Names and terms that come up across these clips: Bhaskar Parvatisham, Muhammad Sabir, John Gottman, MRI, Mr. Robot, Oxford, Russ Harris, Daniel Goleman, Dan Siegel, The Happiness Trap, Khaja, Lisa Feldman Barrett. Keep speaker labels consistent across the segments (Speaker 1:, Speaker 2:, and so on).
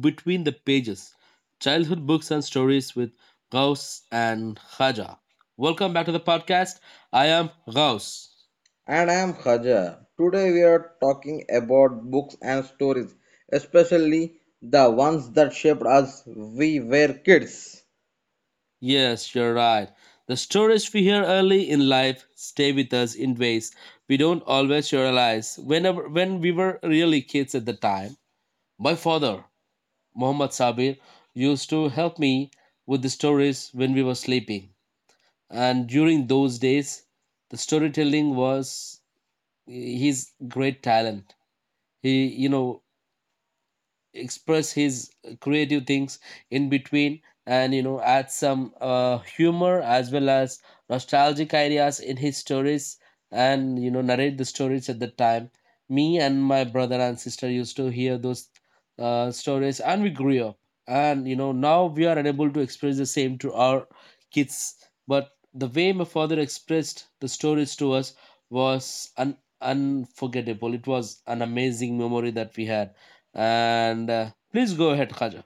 Speaker 1: Between the Pages Childhood Books and Stories with Gauss and Khaja. Welcome back to the podcast. I am Gauss.
Speaker 2: And I'm Khaja. Today we are talking about books and stories, especially the ones that shaped us we were kids.
Speaker 1: Yes, you're right. The stories we hear early in life stay with us in ways we don't always realize when we were really kids at the time. My father, Muhammad Sabir, used to help me with the stories when we were sleeping. And during those days, the storytelling was he's great talent. He, you know, express his creative things in between and you know add some humor as well as nostalgic ideas in his stories and you know narrate the stories at the time me and my brother and sister used to hear those stories and we grew up and you know now we are unable to express the same to our kids but the way my father expressed the stories to us was unforgettable. It was an amazing memory that we had and please go ahead Khaja.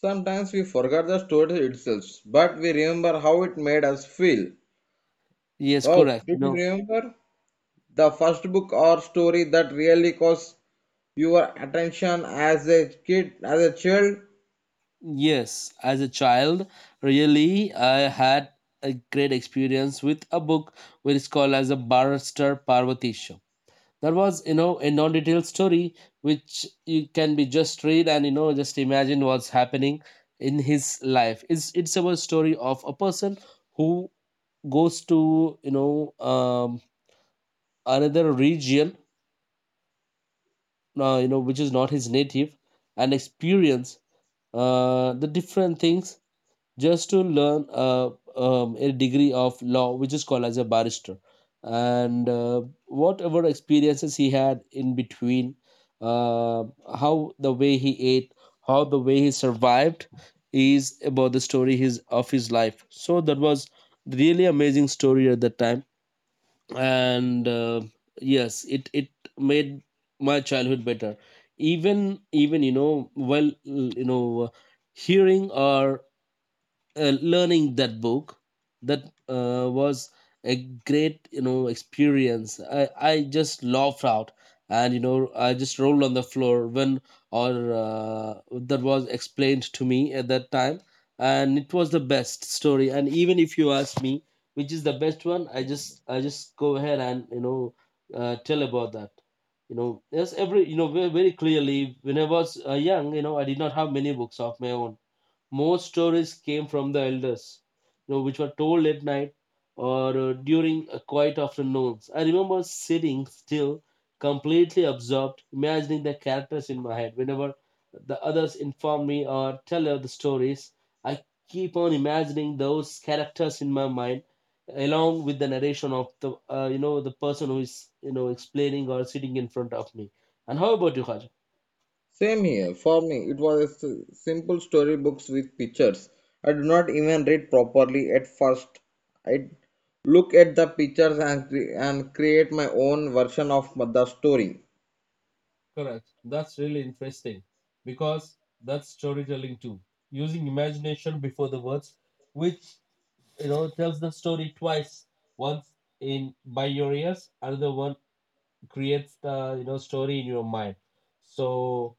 Speaker 2: Sometimes we forget the story itself, but we remember how it made us feel.
Speaker 1: Yes,
Speaker 2: Cause
Speaker 1: correct.
Speaker 2: did you
Speaker 1: No,
Speaker 2: remember the first book or story that really caused your attention as a kid, as a child?
Speaker 1: yes, as a child really I had a great experience with a book which is called as a Barrister Parvati Show. That was you know a non-detailed story which you can be just read and you know just imagine what's happening in his life. It's about story of a person who goes to another region you know which is not his native and experience the different things just to learn a degree of law which is called as a barrister. And whatever experiences he had in between, uh, how the way he ate, how the way he survived is about the story his of his life. So that was really amazing story at the time. And yes, it made my childhood better, even even you know while you know hearing or learning that book, that was a great you know experience. I just laughed out and you know I just rolled on the floor when or that was explained to me at that time. And it was the best story. And even if you ask me which is the best one, I just go ahead and you know tell about that, you know. Yes, every you know very, very clearly when I was young, you know, I did not have many books of my own. Most stories came from the elders, you know, which were told at night or during quiet afternoons. I remember sitting still, completely absorbed, imagining the characters in my head. Whenever the others inform me or tell of the stories, I keep on imagining those characters in my mind along with the narration of the you know the person who is you know explaining or sitting in front of me. And how about you, Haj?
Speaker 2: Same here. For me, it was a simple storybooks with pictures. I do not even read properly at first. I look at the pictures and, create my own version of the story.
Speaker 1: Correct. That's really interesting because that's storytelling too. Using imagination before the words, which you know tells the story twice. Once in by your ears, another one creates the you know story in your mind. So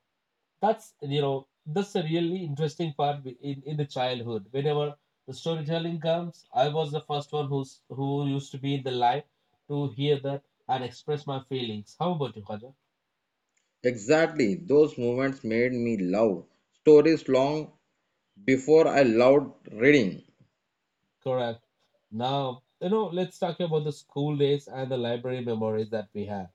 Speaker 1: that's you know that's a really interesting part in the childhood. Whenever the storytelling comes, I was the first one who used to be in the line to hear that and express my feelings. How about you, Khaja?
Speaker 2: Exactly, those moments made me love stories long before I loved reading.
Speaker 1: Correct. Now, you know, let's talk about the school days and the library memories that we have.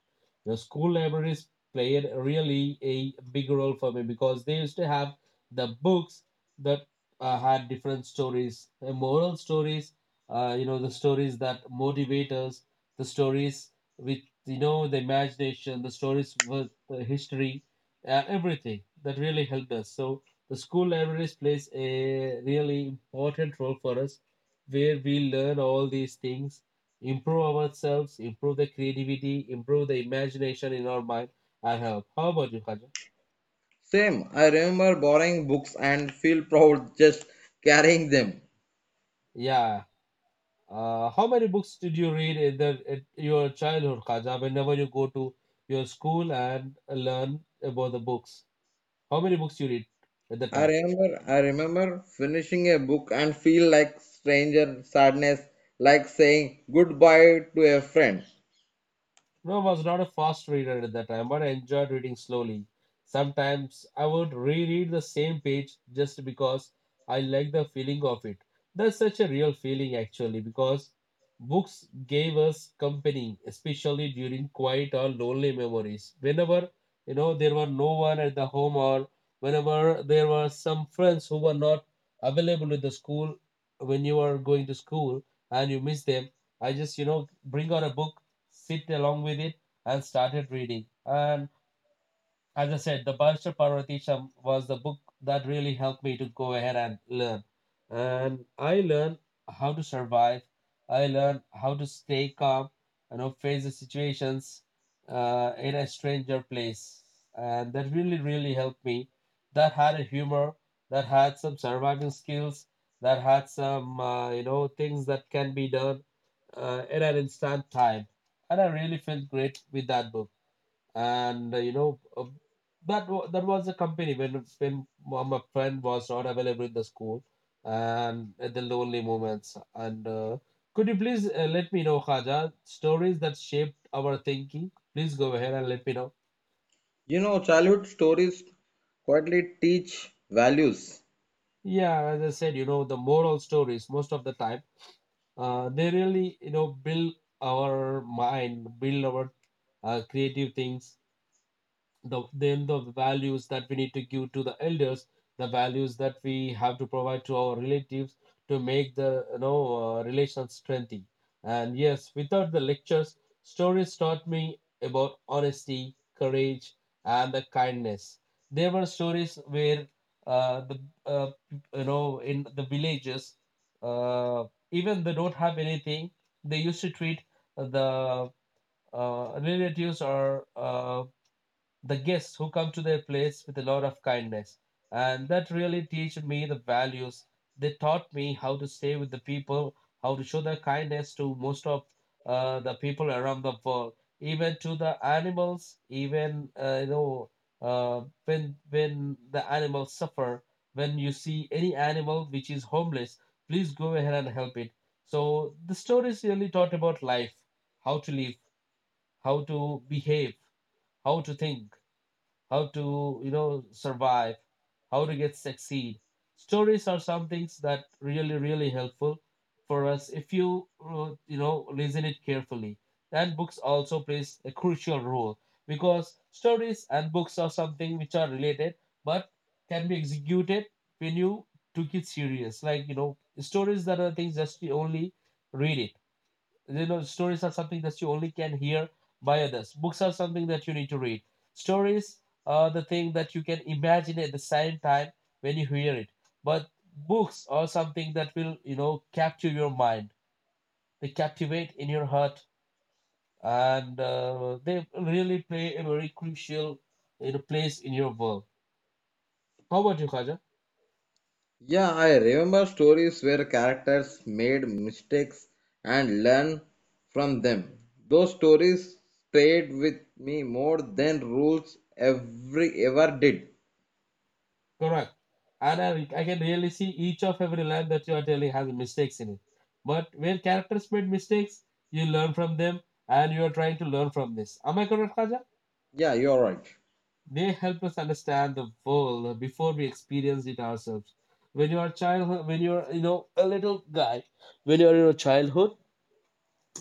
Speaker 1: The school libraries played really a big role for me because they used to have the books that had different stories, moral stories, you know, the stories that motivate us, the stories with, you know, the imagination, the stories with history, everything that really helped us. So the school libraries plays a really important role for us where we learn all these things, improve ourselves, improve the creativity, improve the imagination in our mind. I hope. How about you, Khaja?
Speaker 2: Same, I remember borrowing books and feel proud just carrying them.
Speaker 1: Yeah. How many books did you read in the in your childhood, Khaja? Whenever you go to your school and learn about the books, how many books you read at the
Speaker 2: I
Speaker 1: time?
Speaker 2: remember, I remember finishing a book and feel like stranger sadness, like saying goodbye to a friend.
Speaker 1: No, I was not a fast reader at that time, but I enjoyed reading slowly. Sometimes I would reread the same page just because I like the feeling of it. That's such a real feeling, actually, because books gave us company, especially during quiet or lonely memories. Whenever, you know, there were no one at the home or whenever there were some friends who were not available at the school when you were going to school and you miss them, I just, you know, bring out a book, sit along with it and started reading. And as I said, the Bhaskar Parvatisham was the book that really helped me to go ahead and learn. And I learned how to survive. I learned how to stay calm, you know, face the situations in a stranger place. And that really, really helped me. That had a humor, that had some surviving skills, that had some, you know, things that can be done in an instant time, and I really felt great with that book. And you know, that was a company when my friend was not available in the school, and at the lonely moments. And could you please let me know, Khaja, stories that shaped our thinking? Please go ahead and let me know.
Speaker 2: You know, childhood stories quietly teach values.
Speaker 1: Yeah, as I said, you know, the moral stories most of the time they really you know build our mind, build our creative things, the then the values that we need to give to the elders, the values that we have to provide to our relatives to make the you know relations strengthy. And yes, without the lectures, stories taught me about honesty, courage and the kindness. There were stories where the uh, you know in the villages uh, even they don't have anything, they used to treat the relatives or the guests who come to their place with a lot of kindness. And that really teach me the values. They taught me how to stay with the people, how to show their kindness to most of the people around the world, even to the animals, even you know when the animals suffer. When you see any animal which is homeless, please go ahead and help it. So the stories really taught about life, how to live, how to behave, how to think, how to you know survive, how to get succeed. Stories are some things that really really helpful for us if you you know listen it carefully. And books also plays a crucial role because stories and books are something which are related but can be executed when you took it serious. Like you know, stories that are things just you only read it, you know, stories are something that you only can hear by others. Books are something that you need to read. Stories are the thing that you can imagine at the same time when you hear it. But books are something that will, you know, capture your mind. They captivate in your heart, and they really play a very crucial, you know, place in your world. How about you, Khaja?
Speaker 2: Yeah, I remember stories where characters made mistakes and learn from them. Those stories stayed with me more than rules ever did.
Speaker 1: Correct. And I can really see each of every line that you are telling has mistakes in it. But where characters made mistakes, you learn from them and you are trying to learn from this. Am I correct, Khaja?
Speaker 2: Yeah, you're right.
Speaker 1: They help us understand the world before we experience it ourselves. When you are child, when you are you know a little guy, when you are in your childhood,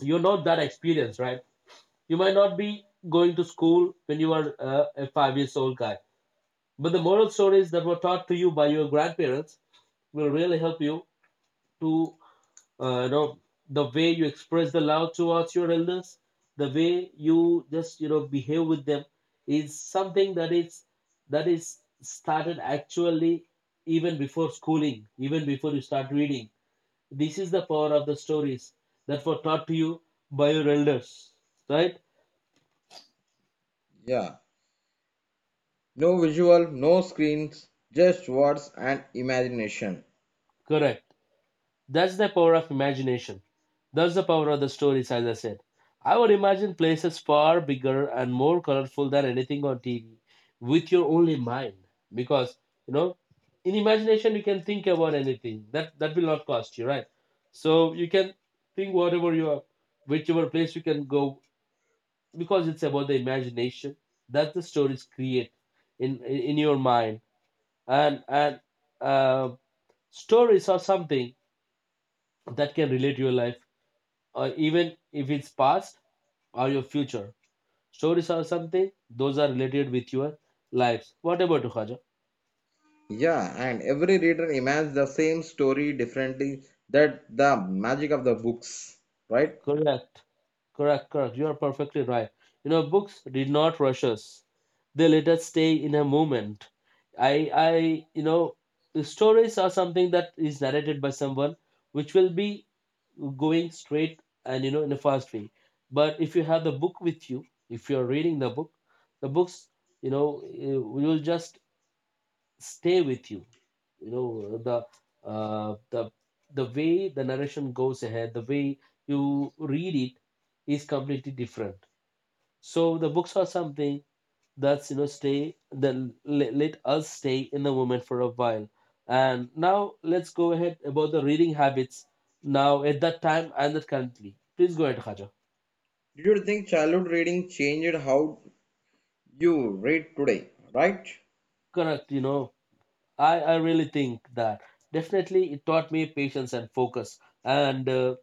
Speaker 1: you're not that experienced, right? You might not be going to school when you are a 5 years old guy, but the moral stories that were taught to you by your grandparents will really help you to you know the way you express the love towards your elders, the way you just you know behave with them is something that is started actually even before schooling, even before you start reading. This is the power of the stories that were taught to you by your elders, right?
Speaker 2: Yeah. No visual, no screens, just words and imagination.
Speaker 1: Correct. That's the power of imagination. That's the power of the stories, as I said. I would imagine places far bigger and more colorful than anything on TV with your only mind. Because, you know, in imagination you can think about anything. That that will not cost you, right? So you can think whatever you are, whichever place you can go, because it's about the imagination that the stories create in your mind. And uh, stories are something that can relate your life or even if it's past or your future. Stories are something, those are related with your lives. What about you, Khaja?
Speaker 2: Yeah, and every reader imagines the same story differently. That the magic of the books, right?
Speaker 1: Correct, correct, correct. You are perfectly right. You know, books did not rush us. They let us stay in a moment. I, I, you know, the stories are something that is narrated by someone which will be going straight and, in a fast way. But if you have the book with you, if you're reading the book, the books you will just stay with you you know The uh, the the way the narration goes ahead, the way you read it is completely different. So the books are something that's, stay, then let us stay in the moment for a while. And now let's go ahead about the reading habits now at that time and that currently. Please go ahead, Khaja.
Speaker 2: Do you think childhood reading changed how you read today, right?
Speaker 1: Correct. I really think that definitely it taught me patience and focus. And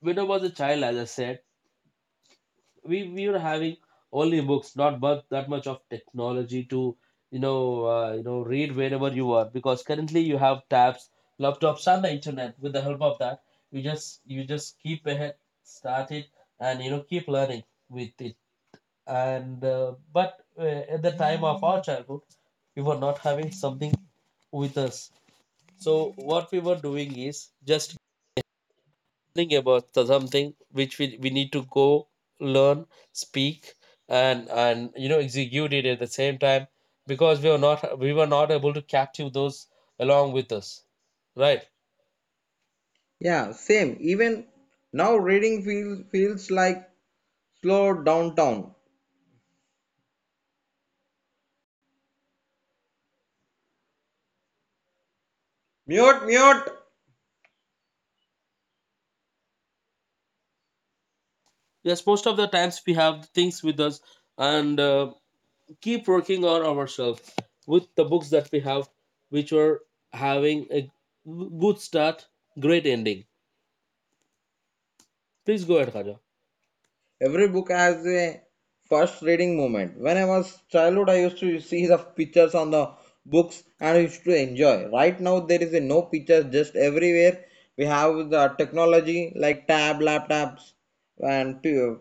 Speaker 1: when I was a child, as I said, we were having only books, not but that much of technology to read wherever you are, because currently you have tabs, laptops, and the internet. With the help of that, you just keep ahead, start it, and keep learning with it. And but at the time of our childhood, we were not having something with us. So what we were doing is just learning about the something which we need to go learn, speak, and execute it at the same time, because we were not able to capture those along with us, right?
Speaker 2: Yeah, same. Even now reading feels like slow downtown. Mute, mute.
Speaker 1: Yes, most of the times we have things with us and keep working on ourselves with the books that we have, which were having a good start, great ending. Please go ahead, Khaja.
Speaker 2: Every book has a first reading moment. When I was childhood, I used to see the pictures on the books and I used to enjoy. Right now, there is a no pictures just everywhere. We have the technology like tab, laptops, and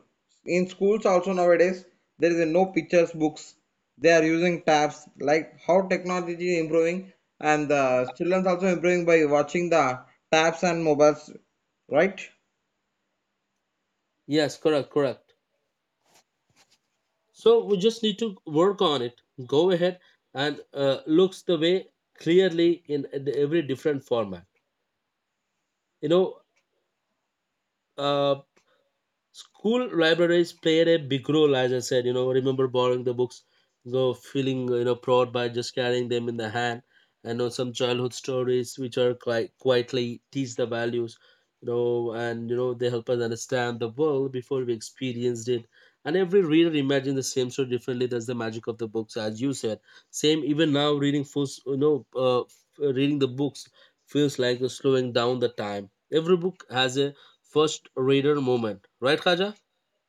Speaker 2: in schools also nowadays there is a no pictures books. They are using tabs. Like how technology is improving and the children also improving by watching the tabs and mobiles, right?
Speaker 1: Yes, correct, correct. So we just need to work on it. Go ahead. And looks the way clearly in every different format. You know, uh, school libraries played a big role. As I said, remember borrowing the books, you feeling, proud by just carrying them in the hand. I know some childhood stories which are quite quietly teach the values, and they help us understand the world before we experienced it. And every reader imagines the same story differently. That's the magic of the books, as you said. Same even now, reading feels, reading the books feels like slowing down the time. Every book has a first reader moment, right, Khaja?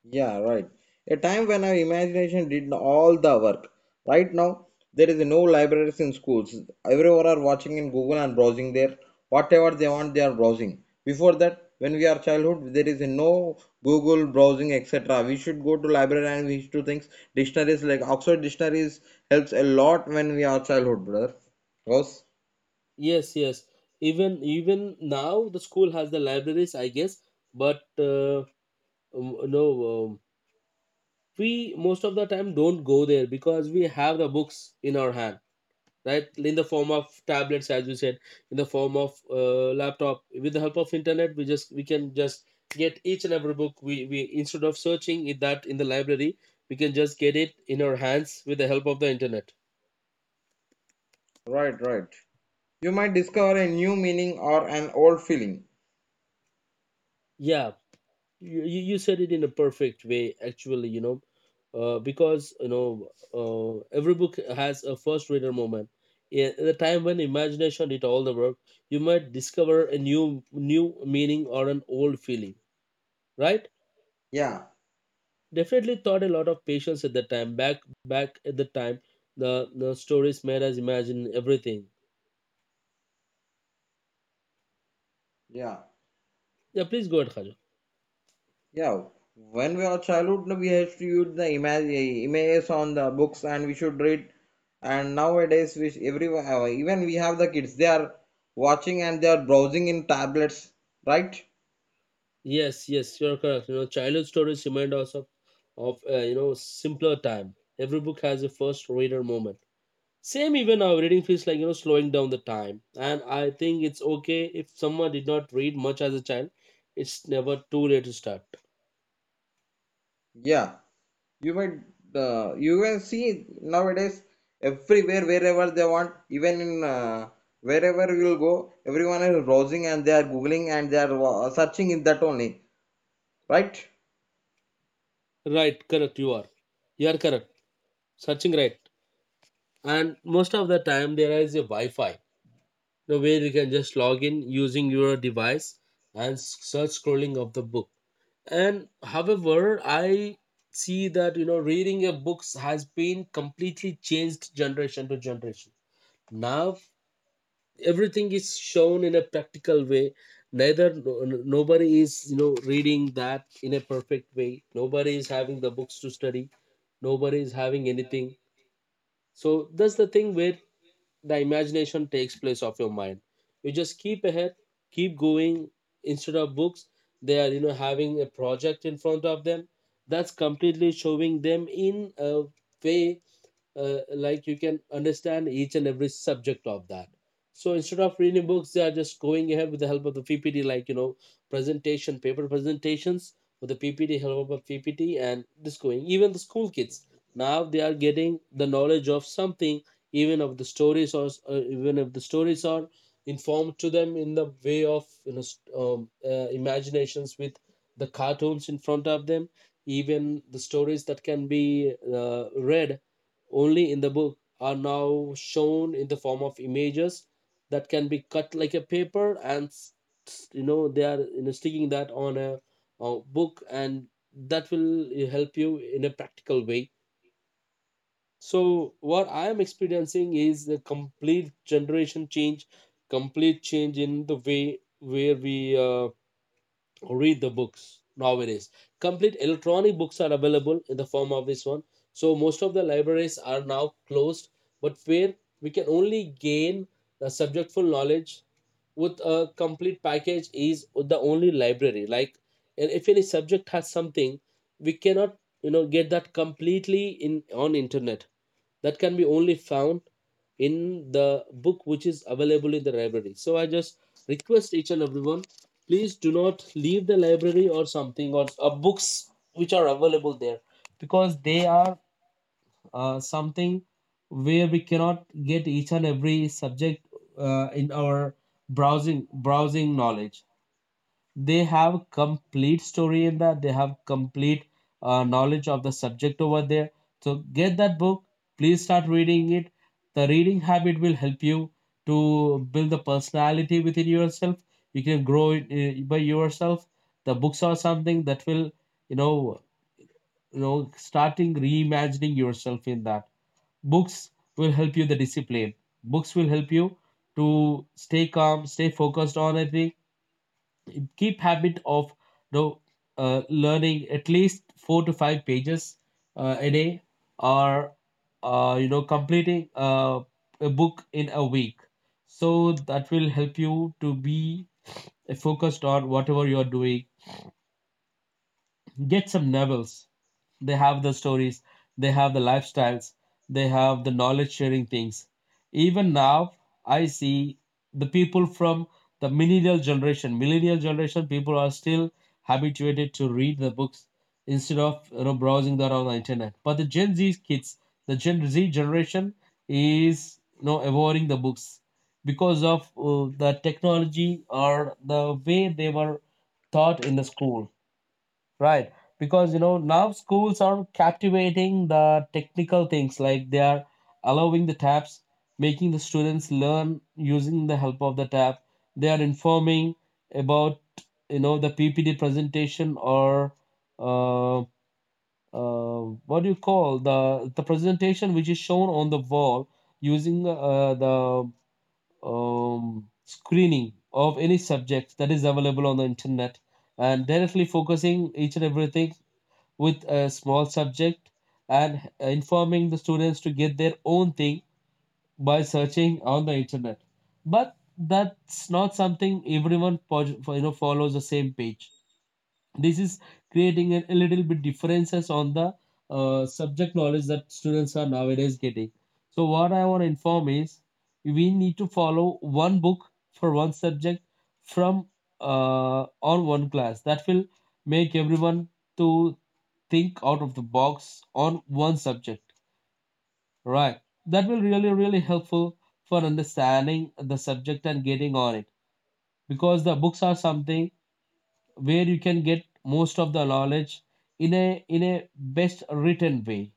Speaker 2: Yeah, right. A time when our imagination did all the work. Right now, there is no libraries in schools. Everyone are watching in Google and browsing there. Whatever they want, they are browsing. Before that, when we are childhood, there is no Google browsing, etc. We should go to library and we should do things. Dictionaries like Oxford dictionaries helps a lot when we are childhood, brother. Because
Speaker 1: Yes, yes. Even now the school has the libraries, I guess, but no, we most of the time don't go there because we have the books in our hand, right? In the form of tablets, as you said, in the form of laptop. With the help of internet, we just we can just get each and every book. We instead of searching it that in the library, we can just get it in our hands with the help of the internet.
Speaker 2: right. You might discover a new meaning or an old feeling.
Speaker 1: Yeah, you said it in a perfect way. Actually, because every book has a first reader moment. Yeah, the time when imagination did all the work, you might discover a new meaning or an old feeling, right?
Speaker 2: Yeah,
Speaker 1: Definitely taught a lot of patience at the time. Back back At the time, the stories made us imagine everything.
Speaker 2: yeah.
Speaker 1: Yeah, please go ahead, Khadija.
Speaker 2: Yeah, when we are childhood, no, we have to use the image, images on the books, and we should read. And nowadays, which everyone, even we have the kids, they are watching and they are browsing in tablets, right?
Speaker 1: Yes, yes, you're correct. You know, childhood stories remind us of simpler time. Every book has a first reader moment. Same even now, reading feels like, slowing down the time. And I think it's okay if someone did not read much as a child. It's never too late to start.
Speaker 2: Yeah, you might, you can see nowadays everywhere, wherever they want, even in wherever you will go, everyone is browsing and they are googling and they are searching in that only, right?
Speaker 1: Right, correct. You are correct. Searching right. And most of the time, there is a Wi-Fi, you know, where you can just log in using your device and search scrolling of the book. And however, I see that, reading a books has been completely changed generation to generation. Now everything is shown in a practical way, neither nobody is, reading that in a perfect way. Nobody is having the books to study, nobody is having anything. So that's the thing where the imagination takes place of your mind. You just keep ahead, keep going. Instead of books, they are, having a project in front of them, that's completely showing them in a way, like you can understand each and every subject of that. So instead of reading books, they are just going ahead with the help of the PPT, like, presentation, paper presentations with the PPT, help of ppt and this going. Even the school kids now, they are getting the knowledge of something, even of the stories, or even if the stories are informed to them in the way of, imaginations with the cartoons in front of them. Even the stories that can be read only in the book are now shown in the form of images that can be cut like a paper, and they are, sticking that on a book, and that will help you in a practical way. So what I am experiencing is the complete generation change, complete change in the way where we read the books nowadays. Complete electronic books are available in the form of this one. So most of the libraries are now closed, but where we can only gain the subjectful knowledge with a complete package is the only library. Like, and if any subject has something, we cannot, get that completely in on internet, that can be only found in the book which is available in the library. So I just request each and everyone, please do not leave the library or something, or books which are available there, because they are something where we cannot get each and every subject in our browsing knowledge. They have complete story in that, they have complete knowledge of the subject over there. So get that book, please start reading it. The reading habit will help you to build the personality within yourself. You can grow it by yourself. The books are something that will, you know starting reimagining yourself in that, books will help you the discipline. Books will help you to stay calm, stay focused on it. Keep habit of, you know, learning at least four to five pages a day, or, completing a book in a week. So that will help you to be focused on whatever you are doing. Get some novels, they have the stories, they have the lifestyles, they have the knowledge sharing things. Even now, I see the people from the millennial generation. Millennial generation people are still habituated to read the books instead of, browsing that on the internet. But the Gen Z kids, the Gen Z generation is, avoiding the books because of the technology or the way they were taught in the school. Right. Because, you know, now schools are captivating the technical things, like they are allowing the tabs, making the students learn using the help of the tab. They are informing about, you know, the PPT presentation, or uh, uh, what do you call, the presentation which is shown on the wall using the screening of any subject that is available on the internet, and directly focusing each and everything with a small subject and informing the students to get their own thing by searching on the internet. But that's not something everyone, follows the same page. This is creating a little bit differences on the subject knowledge that students are nowadays getting. So what I want to inform is we need to follow one book for one subject from uh, on one class. That will make everyone to think out of the box on one subject, right? That will really helpful for understanding the subject and getting on it, because the books are something where you can get most of the knowledge in a best written way,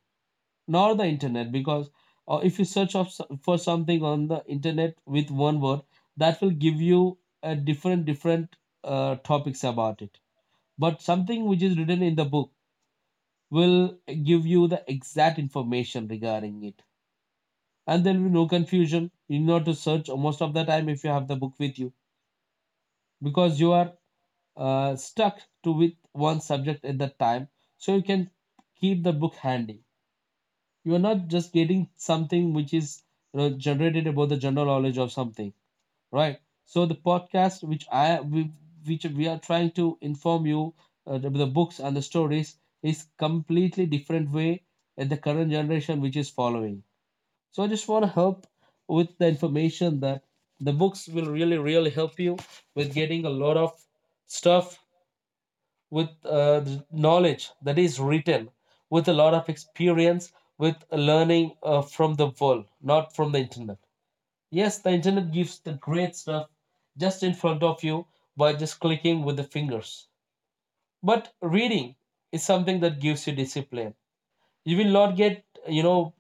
Speaker 1: not the internet. Because if you search of, for something on the internet with one word, that will give you a different topics about it. But something which is written in the book will give you the exact information regarding it, and there will be no confusion, you know, to search most of the time if you have the book with you, because you are stuck to with one subject at that time. So you can keep the book handy. You are not just getting something which is, you know, Generated about the general knowledge of something, right? So the podcast which which we are trying to inform you, the books and the stories is completely different way at the current generation which is following. So I just want to help with the information that the books will really really help you with getting a lot of stuff with the knowledge that is written, with a lot of experience, with learning from the world, not from the internet. Yes, the internet gives the great stuff just in front of you by just clicking with the fingers. But reading is something that gives you discipline. You will not get,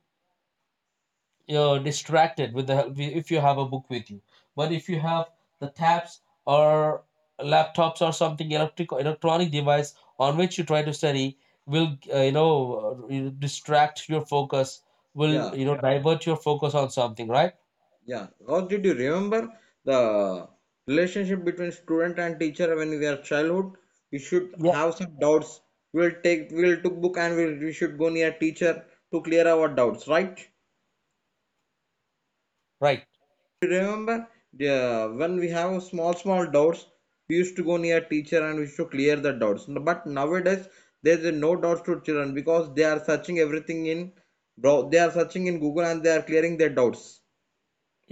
Speaker 1: you're distracted with the help if you have a book with you, but if you have the tabs or laptops or something electric electronic device on which you try to study will uh, you know distract your focus, will
Speaker 2: Yeah.
Speaker 1: divert your focus on something, right?
Speaker 2: Yeah, how did you remember the relationship between student and teacher when we are childhood? We should
Speaker 1: Yeah,
Speaker 2: have some doubts. We'll took book and we should go near teacher to clear our doubts, right?
Speaker 1: right,
Speaker 2: Did you remember the when we have small small doubts, we used to go near teacher and we used to clear the doubts. But nowadays there is no doubts to children because they are searching everything in bro they are searching in Google and they are clearing their doubts,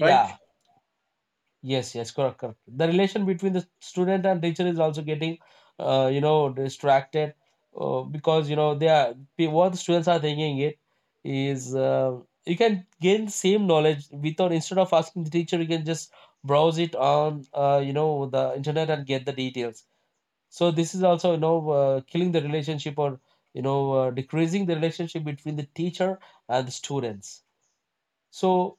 Speaker 2: right?
Speaker 1: Yes, yes, correct, correct. The relation between the student and teacher is also getting, distracted, because you know they are what the students are thinking, it is you can gain same knowledge without instead of asking the teacher, you can just browse it on the internet and get the details. So this is also killing the relationship, or decreasing the relationship between the teacher and the students. So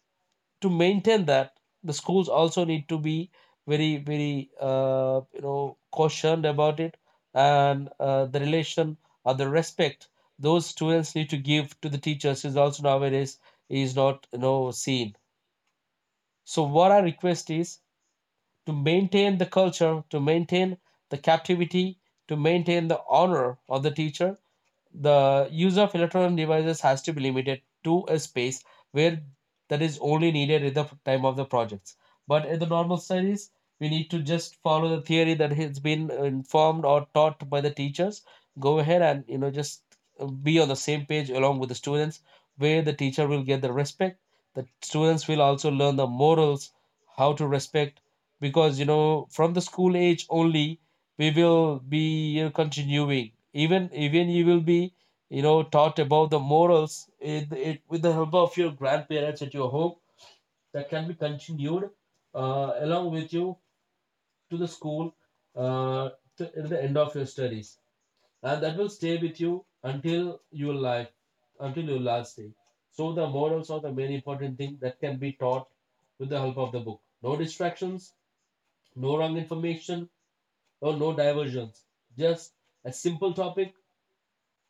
Speaker 1: to maintain that, the schools also need to be very very cautioned about it. And the relation or the respect those students need to give to the teachers is also nowadays is not seen. So what our request is, to maintain the culture, to maintain the captivity, to maintain the honor of the teacher, the use of electronic devices has to be limited to a space where that is only needed at the time of the projects. But in the normal studies, we need to just follow the theory that has been informed or taught by the teachers. Go ahead and just be on the same page along with the students, where the teacher will get the respect. The students will also learn the morals, how to respect, because you know from the school age only, we will be continuing, even even you will be taught about the morals, with the help of your grandparents at your home, that can be continued along with you to the school uh, to, till the end of your studies, and that will stay with you until your life, until your last day. So the morals are the very important thing that can be taught with the help of the book. No distractions, no wrong information, or no diversions. Just a simple topic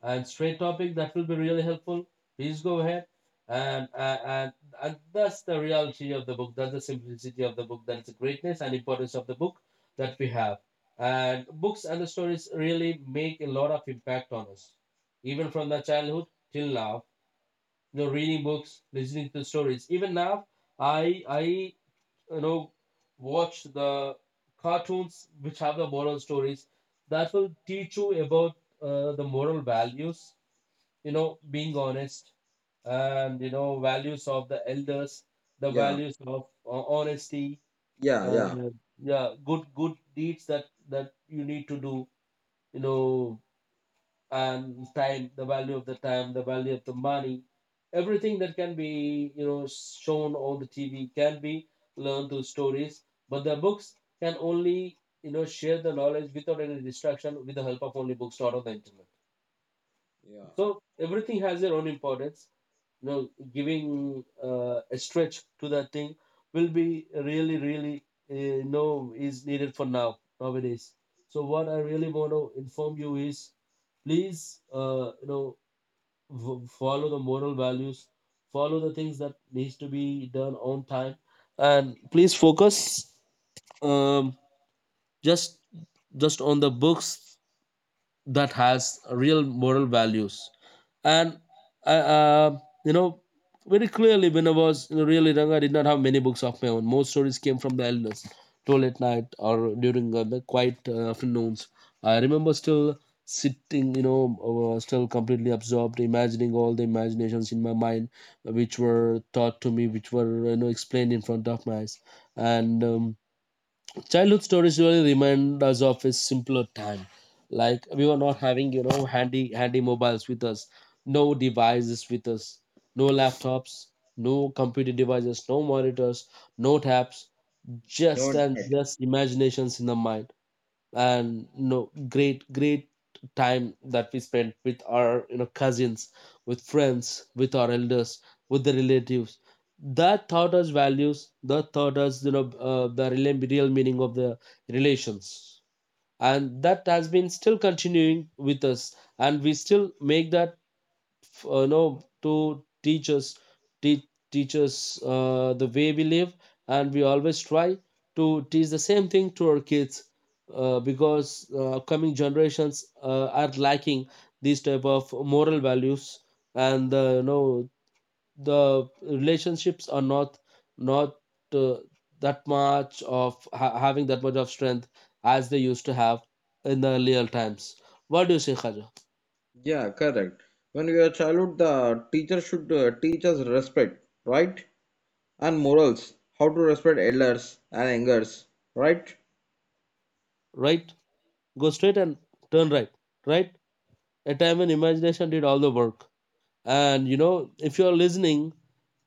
Speaker 1: and straight topic that will be really helpful. Please go ahead. And, uh, and and that's the reality of the book. That's the simplicity of the book. That's the greatness and importance of the book that we have. And books and the stories really make a lot of impact on us, even from the childhood till now. You know, reading books, listening to stories. Even now, I you know watch the cartoons which have the moral stories that will teach you about the moral values, you know, being honest, and values of the elders, the
Speaker 2: Yeah,
Speaker 1: values of honesty,
Speaker 2: yeah, yeah,
Speaker 1: and yeah, good good deeds that you need to do, you know. And time, the value of the time, the value of the money, everything that can be shown on the TV can be learned through stories. But the books can only share the knowledge without any distraction, with the help of only books, not on the internet.
Speaker 2: yeah.
Speaker 1: So everything has their own importance. You know, giving a stretch to that thing will be really, really you is needed for now nowadays. So what I really want to inform you is, please follow the moral values, follow the things that needs to be done on time, and please focus um, just just on the books that has real moral values. And I, you know very clearly, when I was really young, I did not have many books of my own. Most stories came from the elders told at night or during the quiet afternoons. I remember still sitting, still completely absorbed, imagining all the imaginations in my mind which were taught to me, which were explained in front of my eyes. And childhood stories really remind us of a simpler time, like we were not having handy mobiles with us, no devices with us, no laptops, no computer devices, no monitors, no tabs,
Speaker 2: No
Speaker 1: just and
Speaker 2: doubt.
Speaker 1: just imaginations in the mind. And you know, great great time that we spent with our cousins, with friends, with our elders, with the relatives, that taught us values, that taught us the real real meaning of the relations, and that has been still continuing with us, and we still make that know to teach us, teach, teach us the way we live, and we always try to teach the same thing to our kids because upcoming generations are lacking these type of moral values. And you know, the relationships are not uh, that much of having that much of strength as they used to have in the earlier times. What do you say, Khaja?
Speaker 2: Yeah, correct. When we are childhood, the teacher should teach us respect, right? And morals, how to respect elders and elders, right?
Speaker 1: Right, go straight and turn right. Right, a time when imagination did all the work. And you know, if you're listening,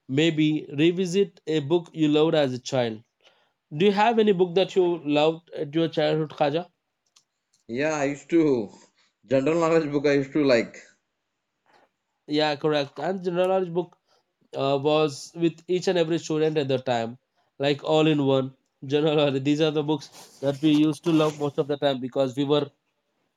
Speaker 1: maybe revisit a book you loved as a child. Do you have any book that you loved at your childhood, Khaja?
Speaker 2: Yeah, I used to general knowledge book I used to like.
Speaker 1: Yeah, correct. And general knowledge book was with each and every student at the time, like all in one general knowledge. These are the books that we used to love most of the time, because we were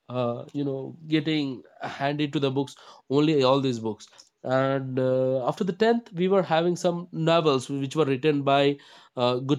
Speaker 1: getting handed to the books only all these books. And after the 10th we were having some novels which were written by good